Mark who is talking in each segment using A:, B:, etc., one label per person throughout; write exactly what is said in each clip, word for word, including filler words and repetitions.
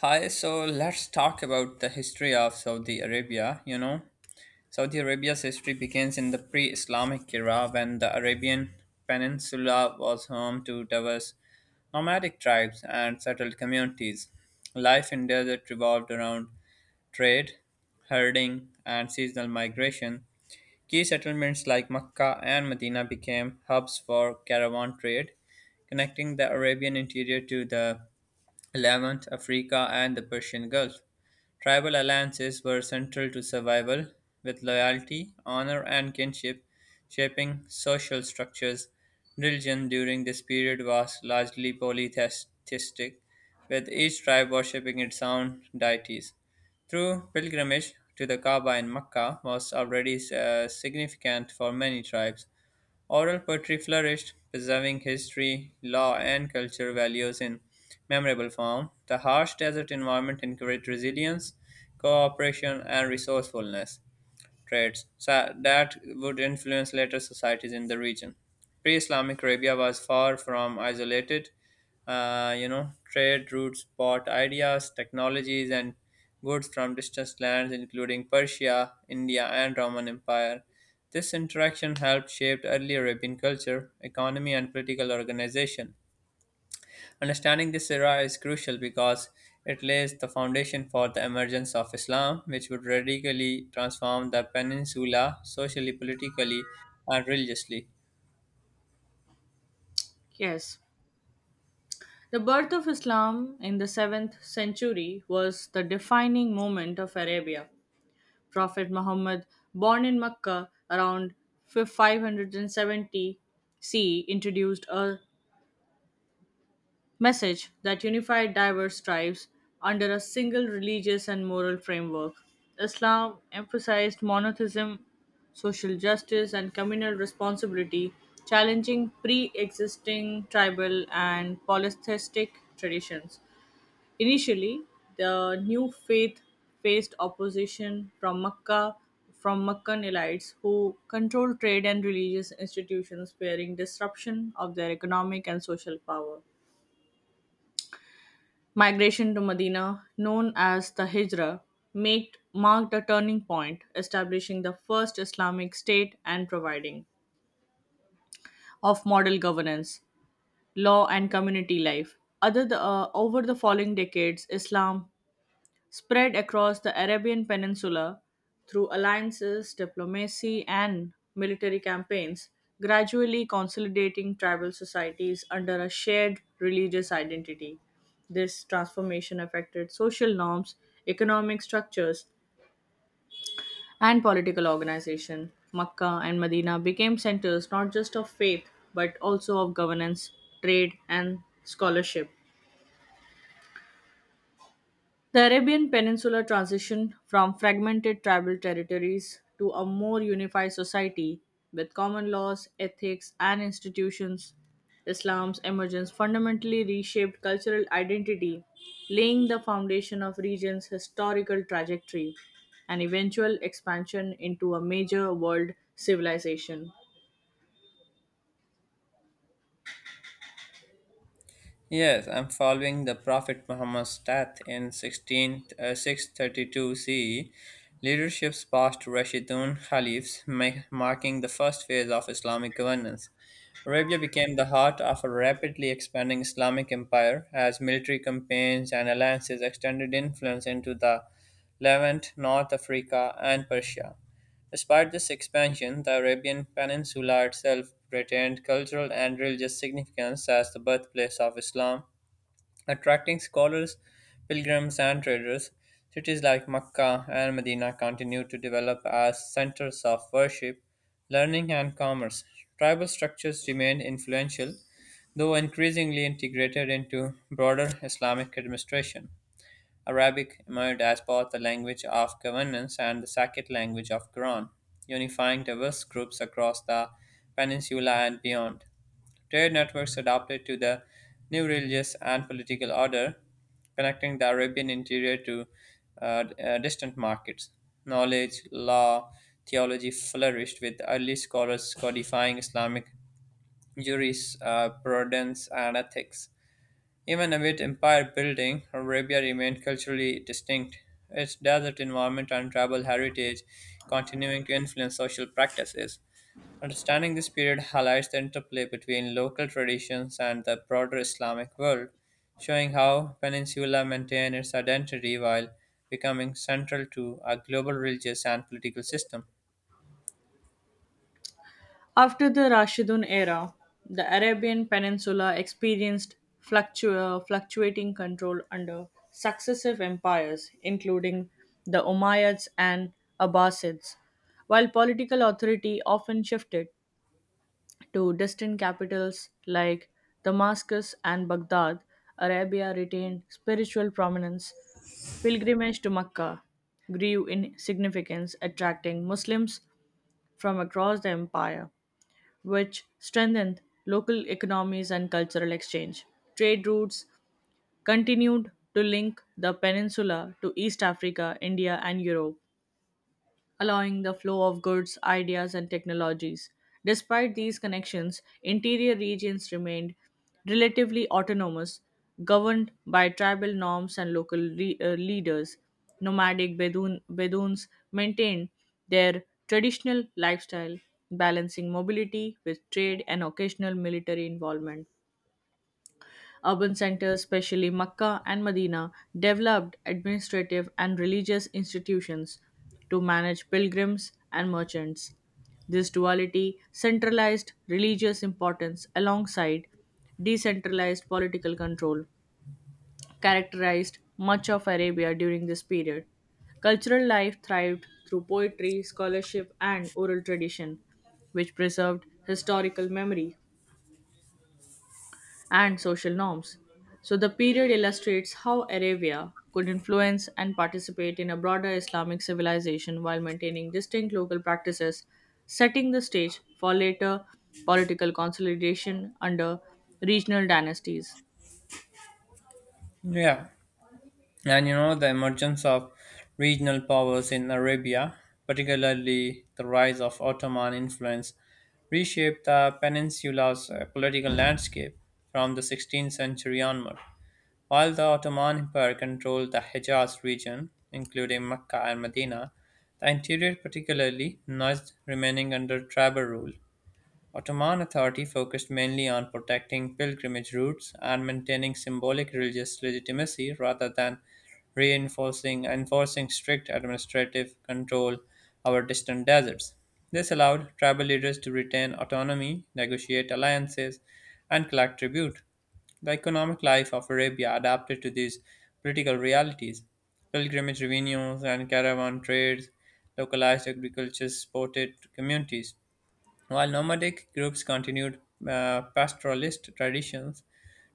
A: Hi, so let's talk about the history of Saudi Arabia. You know, Saudi Arabia's history begins in the pre Islamic era when the Arabian Peninsula was home to diverse nomadic tribes and settled communities. Life in desert revolved around trade, herding, and seasonal migration. Key settlements like Mecca and Medina became hubs for caravan trade, connecting the Arabian interior to the Levant, Africa, and the Persian Gulf. Tribal alliances were central to survival, with loyalty, honor, and kinship shaping social structures. Religion during this period was largely polytheistic, with each tribe worshipping its own deities. Through pilgrimage to the Kaaba in Mecca was already uh, significant for many tribes. Oral poetry flourished, preserving history, law, and culture values in memorable form. The harsh desert environment encouraged resilience, cooperation, and resourcefulness traits sa- that would influence later societies in the region. Pre Islamic Arabia was far from isolated. Uh, you know, trade routes brought ideas, technologies, and goods from distant lands, including Persia, India, and Roman Empire. This interaction helped shape early Arabian culture, economy, and political organization. Understanding this era is crucial because it lays the foundation for the emergence of Islam, which would radically transform the peninsula socially, politically, and religiously.
B: Yes. The birth of Islam in the seventh century was the defining moment of Arabia. Prophet Muhammad, born in Mecca around five hundred seventy C E, introduced a message that unified diverse tribes under a single religious and moral framework. Islam emphasized monotheism, social justice, and communal responsibility, challenging pre existing tribal and polytheistic traditions. Initially, the new faith faced opposition from Makkah from Makkan elites who controlled trade and religious institutions, fearing disruption of their economic and social power. Migration to Medina, known as the Hijra, made, marked a turning point, establishing the first Islamic state and providing of model governance, law, and community life. Other the, uh, over the following decades, Islam spread across the Arabian Peninsula through alliances, diplomacy, and military campaigns, gradually consolidating tribal societies under a shared religious identity. This transformation affected social norms, economic structures, and political organization. Makkah and Medina became centers not just of faith but also of governance, trade, and scholarship. The Arabian Peninsula transitioned from fragmented tribal territories to a more unified society with common laws, ethics, and institutions. Islam's emergence fundamentally reshaped cultural identity, laying the foundation of region's historical trajectory and eventual expansion into a major world civilization.
A: Yes, I'm following the Prophet Muhammad's death in 16, uh, six thirty-two C E. Leaderships passed to Rashidun Caliphs, ma- marking the first phase of Islamic governance. Arabia became the heart of a rapidly expanding Islamic empire as military campaigns and alliances extended influence into the Levant, North Africa, and Persia. Despite this expansion, the Arabian Peninsula itself retained cultural and religious significance as the birthplace of Islam, attracting scholars, pilgrims, and traders. Cities like Mecca and Medina continued to develop as centers of worship, learning, and commerce. Tribal structures remained influential, though increasingly integrated into broader Islamic administration. Arabic emerged as both the language of governance and the Sakit language of Quran, unifying diverse groups across the peninsula and beyond. Trade networks adapted to the new religious and political order, connecting the Arabian interior to uh, uh, distant markets. Knowledge, law, theology flourished with early scholars codifying Islamic jurisprudence and ethics. Even with empire building, Arabia remained culturally distinct, its desert environment and tribal heritage continuing to influence social practices. Understanding this period highlights the interplay between local traditions and the broader Islamic world, showing how Peninsula maintained its identity while becoming central to a global religious and political system.
B: After the Rashidun era, the Arabian Peninsula experienced fluctu- fluctuating control under successive empires, including the Umayyads and Abbasids, while political authority often shifted to distant capitals like Damascus and Baghdad. Arabia retained spiritual prominence. Pilgrimage to Mecca grew in significance, attracting Muslims from across the empire which strengthened local economies and cultural exchange. Trade routes continued to link the peninsula to East Africa, India, and Europe allowing the flow of goods, ideas, and technologies. Despite these connections, interior regions remained relatively autonomous, governed by tribal norms and local re- uh, leaders. Nomadic Bedouin- Bedouins maintained their traditional lifestyle, balancing mobility with trade and occasional military involvement. Urban centers, especially Mecca and Medina, developed administrative and religious institutions to manage pilgrims and merchants. This duality centralized religious importance alongside decentralized political control characterized much of Arabia during this period. Cultural life thrived through poetry, scholarship, and oral tradition, which preserved historical memory and social norms. So the period illustrates how Arabia could influence and participate in a broader Islamic civilization while maintaining distinct local practices, setting the stage for later political consolidation under regional dynasties.
A: Yeah, and you know, the emergence of regional powers in Arabia, particularly the rise of Ottoman influence, reshaped the peninsula's uh, political landscape from the sixteenth century onward. While the Ottoman Empire controlled the Hejaz region, including Mecca and Medina, the interior particularly nudged remaining under tribal rule. Ottoman authority focused mainly on protecting pilgrimage routes and maintaining symbolic religious legitimacy rather than reinforcing enforcing strict administrative control over distant deserts. This allowed tribal leaders to retain autonomy, negotiate alliances, and collect tribute. The economic life of Arabia adapted to these political realities. Pilgrimage revenues and caravan trades localized agriculture supported communities. While nomadic groups continued uh, pastoralist traditions,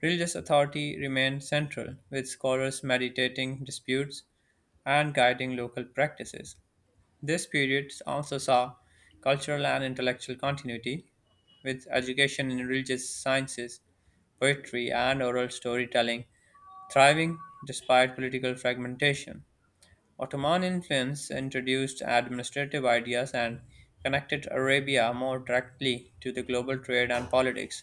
A: religious authority remained central, with scholars meditating disputes and guiding local practices. This period also saw cultural and intellectual continuity, with education in religious sciences, poetry, and oral storytelling thriving despite political fragmentation. Ottoman influence introduced administrative ideas and connected Arabia more directly to the global trade and politics,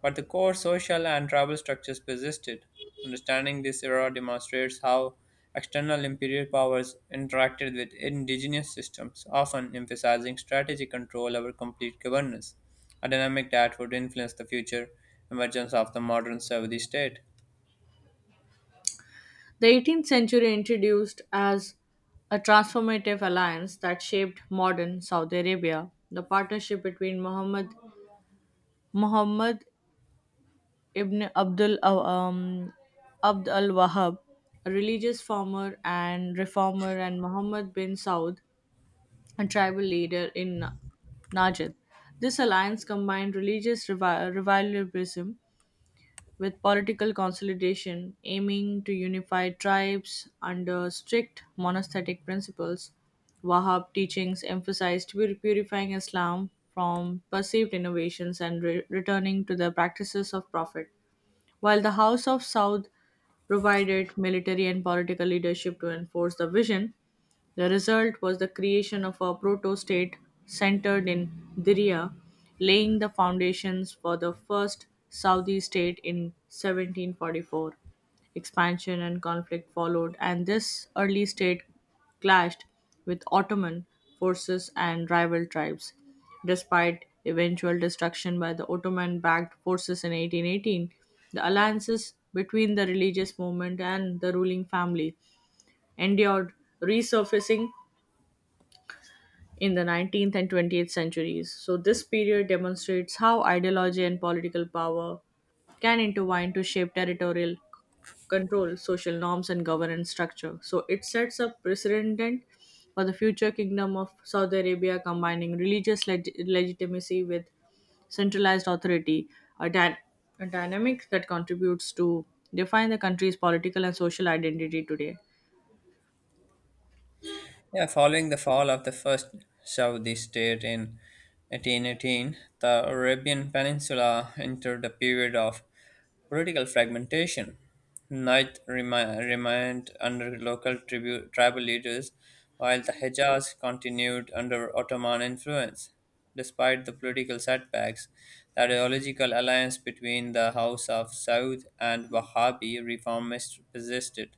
A: but the core social and tribal structures persisted. Understanding this era demonstrates how external imperial powers interacted with indigenous systems, often emphasizing strategic control over complete governance, a dynamic that would influence the future emergence of the modern Saudi state.
B: The eighteenth century introduced as a transformative alliance that shaped modern Saudi Arabia. The partnership between Muhammad Muhammad Ibn Abdul uh, um, Abd al Wahhab, a religious farmer and reformer, and Muhammad bin Saud, a tribal leader in Najd. This alliance combined religious revi- revivalism with political consolidation, aiming to unify tribes under strict monastic principles. Wahhab teachings emphasized pur- purifying Islam from perceived innovations and re- returning to the practices of Prophet. While the House of Saud provided military and political leadership to enforce the vision, the result was the creation of a proto state centered in Diriyah, laying the foundations for the first Saudi state in seventeen forty-four. Expansion and conflict followed, and this early state clashed with Ottoman forces and rival tribes. Despite eventual destruction by the Ottoman backed forces in eighteen eighteen, the alliances between the religious movement and the ruling family endured, resurfacing in the nineteenth and twentieth centuries. So, this period demonstrates how ideology and political power can intertwine to shape territorial control, social norms, and governance structure. So, it sets a precedent for the future kingdom of Saudi Arabia, combining religious leg- legitimacy with centralized authority, a, dy- a dynamic that contributes to define the country's political and social identity today.
A: Yeah, following the fall of the first Saudi state in eighteen eighteen, the Arabian Peninsula entered a period of political fragmentation. Najd remi- remained under local tribu- tribal leaders, while the Hejaz continued under Ottoman influence. Despite the political setbacks, the ideological alliance between the House of Saud and Wahhabi reformists persisted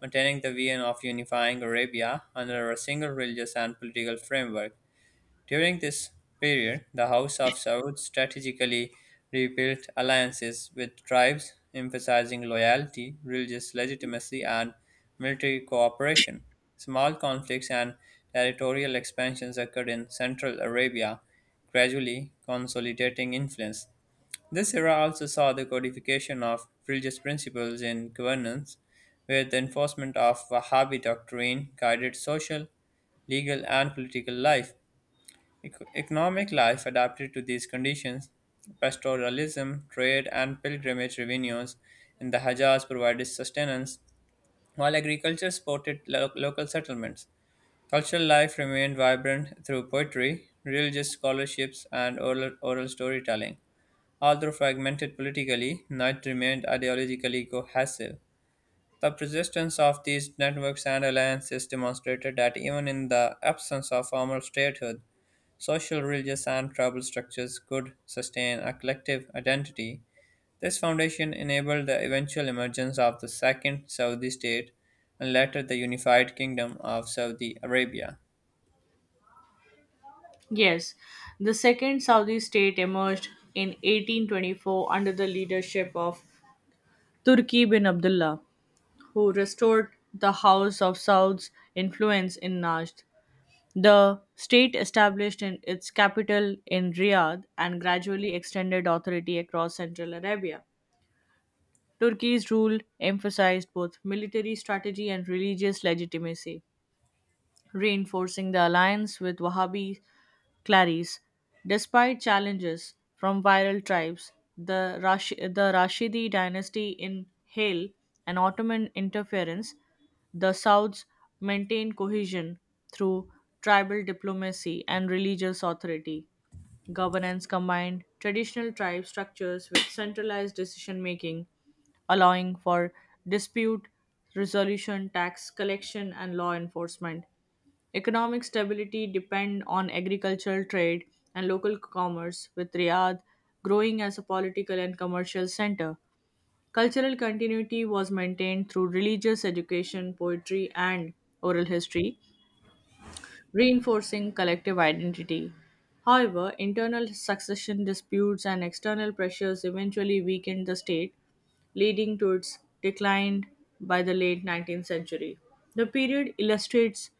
A: maintaining the vision of unifying Arabia under a single religious and political framework. During this period, the House of Saud strategically rebuilt alliances with tribes, emphasizing loyalty, religious legitimacy, and military cooperation. Small conflicts and territorial expansions occurred in Central Arabia, gradually consolidating influence. This era also saw the codification of religious principles in governance, where the enforcement of Wahhabi doctrine guided social, legal, and political life. Ec- economic life adapted to these conditions. Pastoralism, trade, and pilgrimage revenues in the Hejaz provided sustenance, while agriculture supported lo- local settlements. Cultural life remained vibrant through poetry, religious scholarships, and oral, oral storytelling. Although fragmented politically, Knight remained ideologically cohesive. The persistence of these networks and alliances demonstrated that even in the absence of formal statehood, social, religious, and tribal structures could sustain a collective identity. This foundation enabled the eventual emergence of the Second Saudi State and later the Unified Kingdom of Saudi Arabia.
B: Yes, the second Saudi state emerged in eighteen twenty-four under the leadership of Turki bin Abdullah, who restored the House of Saud's influence in Najd. The state established in its capital in Riyadh and gradually extended authority across Central Arabia. Turkey's rule emphasized both military strategy and religious legitimacy, reinforcing the alliance with Wahhabi Clarice. Despite challenges from viral tribes, the, Rash- the Rashidi dynasty in Hail and Ottoman interference, the Souths maintained cohesion through tribal diplomacy and religious authority. Governance combined traditional tribe structures with centralized decision making, allowing for dispute resolution, tax collection, and law enforcement. Economic stability depend on agricultural trade and local commerce, with Riyadh growing as a political and commercial center. Cultural continuity was maintained through religious education, poetry, and oral history, reinforcing collective identity. However, internal succession disputes and external pressures eventually weakened the state, leading to its decline by the late nineteenth century. The period illustrates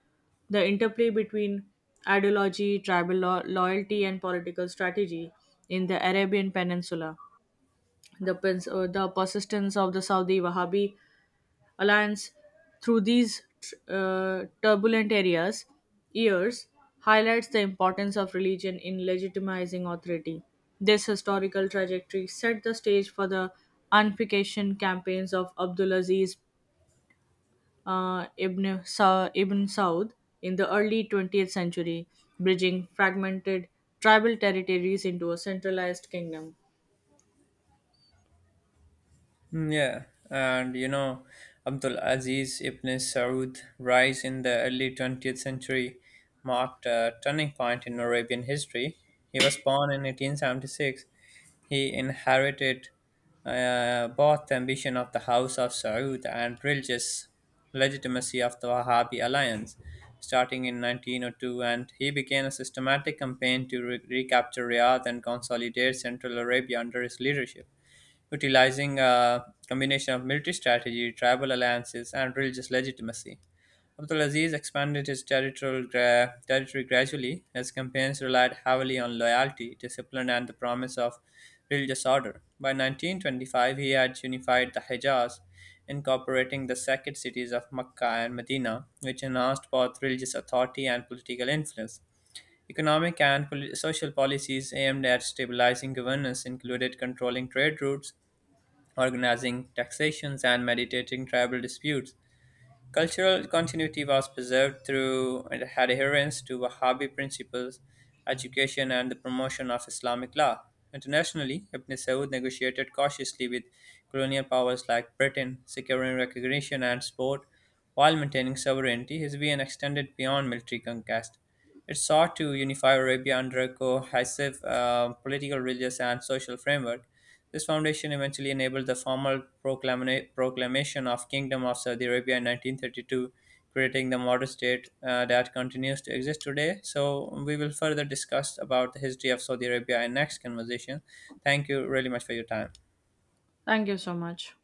B: the interplay between ideology, tribal lo- loyalty, and political strategy in the Arabian Peninsula. The, pens- uh, the persistence of the Saudi Wahhabi alliance through these uh, turbulent areas years highlights the importance of religion in legitimizing authority this historical trajectory set the stage for the unification campaigns of abdulaziz uh, ibn, Sa- ibn saud in the early twentieth century bridging fragmented tribal territories into a centralized kingdom.
A: Mm, yeah, and you know, Abdul Aziz ibn Saud rise in the early twentieth century marked a turning point in Arabian history. He was born in eighteen seventy-six. He inherited uh, both the ambition of the House of Saud and religious legitimacy of the Wahhabi alliance. Starting in nineteen oh two, and he began a systematic campaign to re- recapture Riyadh and consolidate Central Arabia under his leadership utilizing a combination of military strategy, tribal alliances, and religious legitimacy. Abdul Aziz expanded his territorial gra- territory gradually. His campaigns relied heavily on loyalty, discipline, and the promise of religious order. By nineteen twenty-five, he had unified the Hejaz, incorporating the sacred cities of Mecca and Medina, which enhanced both religious authority and political influence. Economic and poli- social policies aimed at stabilizing governance included controlling trade routes, organizing taxations and mediating tribal disputes. Cultural continuity was preserved through adherence to Wahhabi principles, education, and the promotion of Islamic law. Internationally, Ibn Saud negotiated cautiously with colonial powers like Britain, securing recognition and support while maintaining sovereignty. His vision extended beyond military conquest. It sought to unify Arabia under a cohesive uh, political, religious, and social framework. This foundation eventually enabled the formal proclamana- proclamation of Kingdom of Saudi Arabia in nineteen thirty-two, creating the modern state uh, that continues to exist today. So we will further discuss about the history of Saudi Arabia in next conversation. Thank you really much for your time.
B: Thank you so much.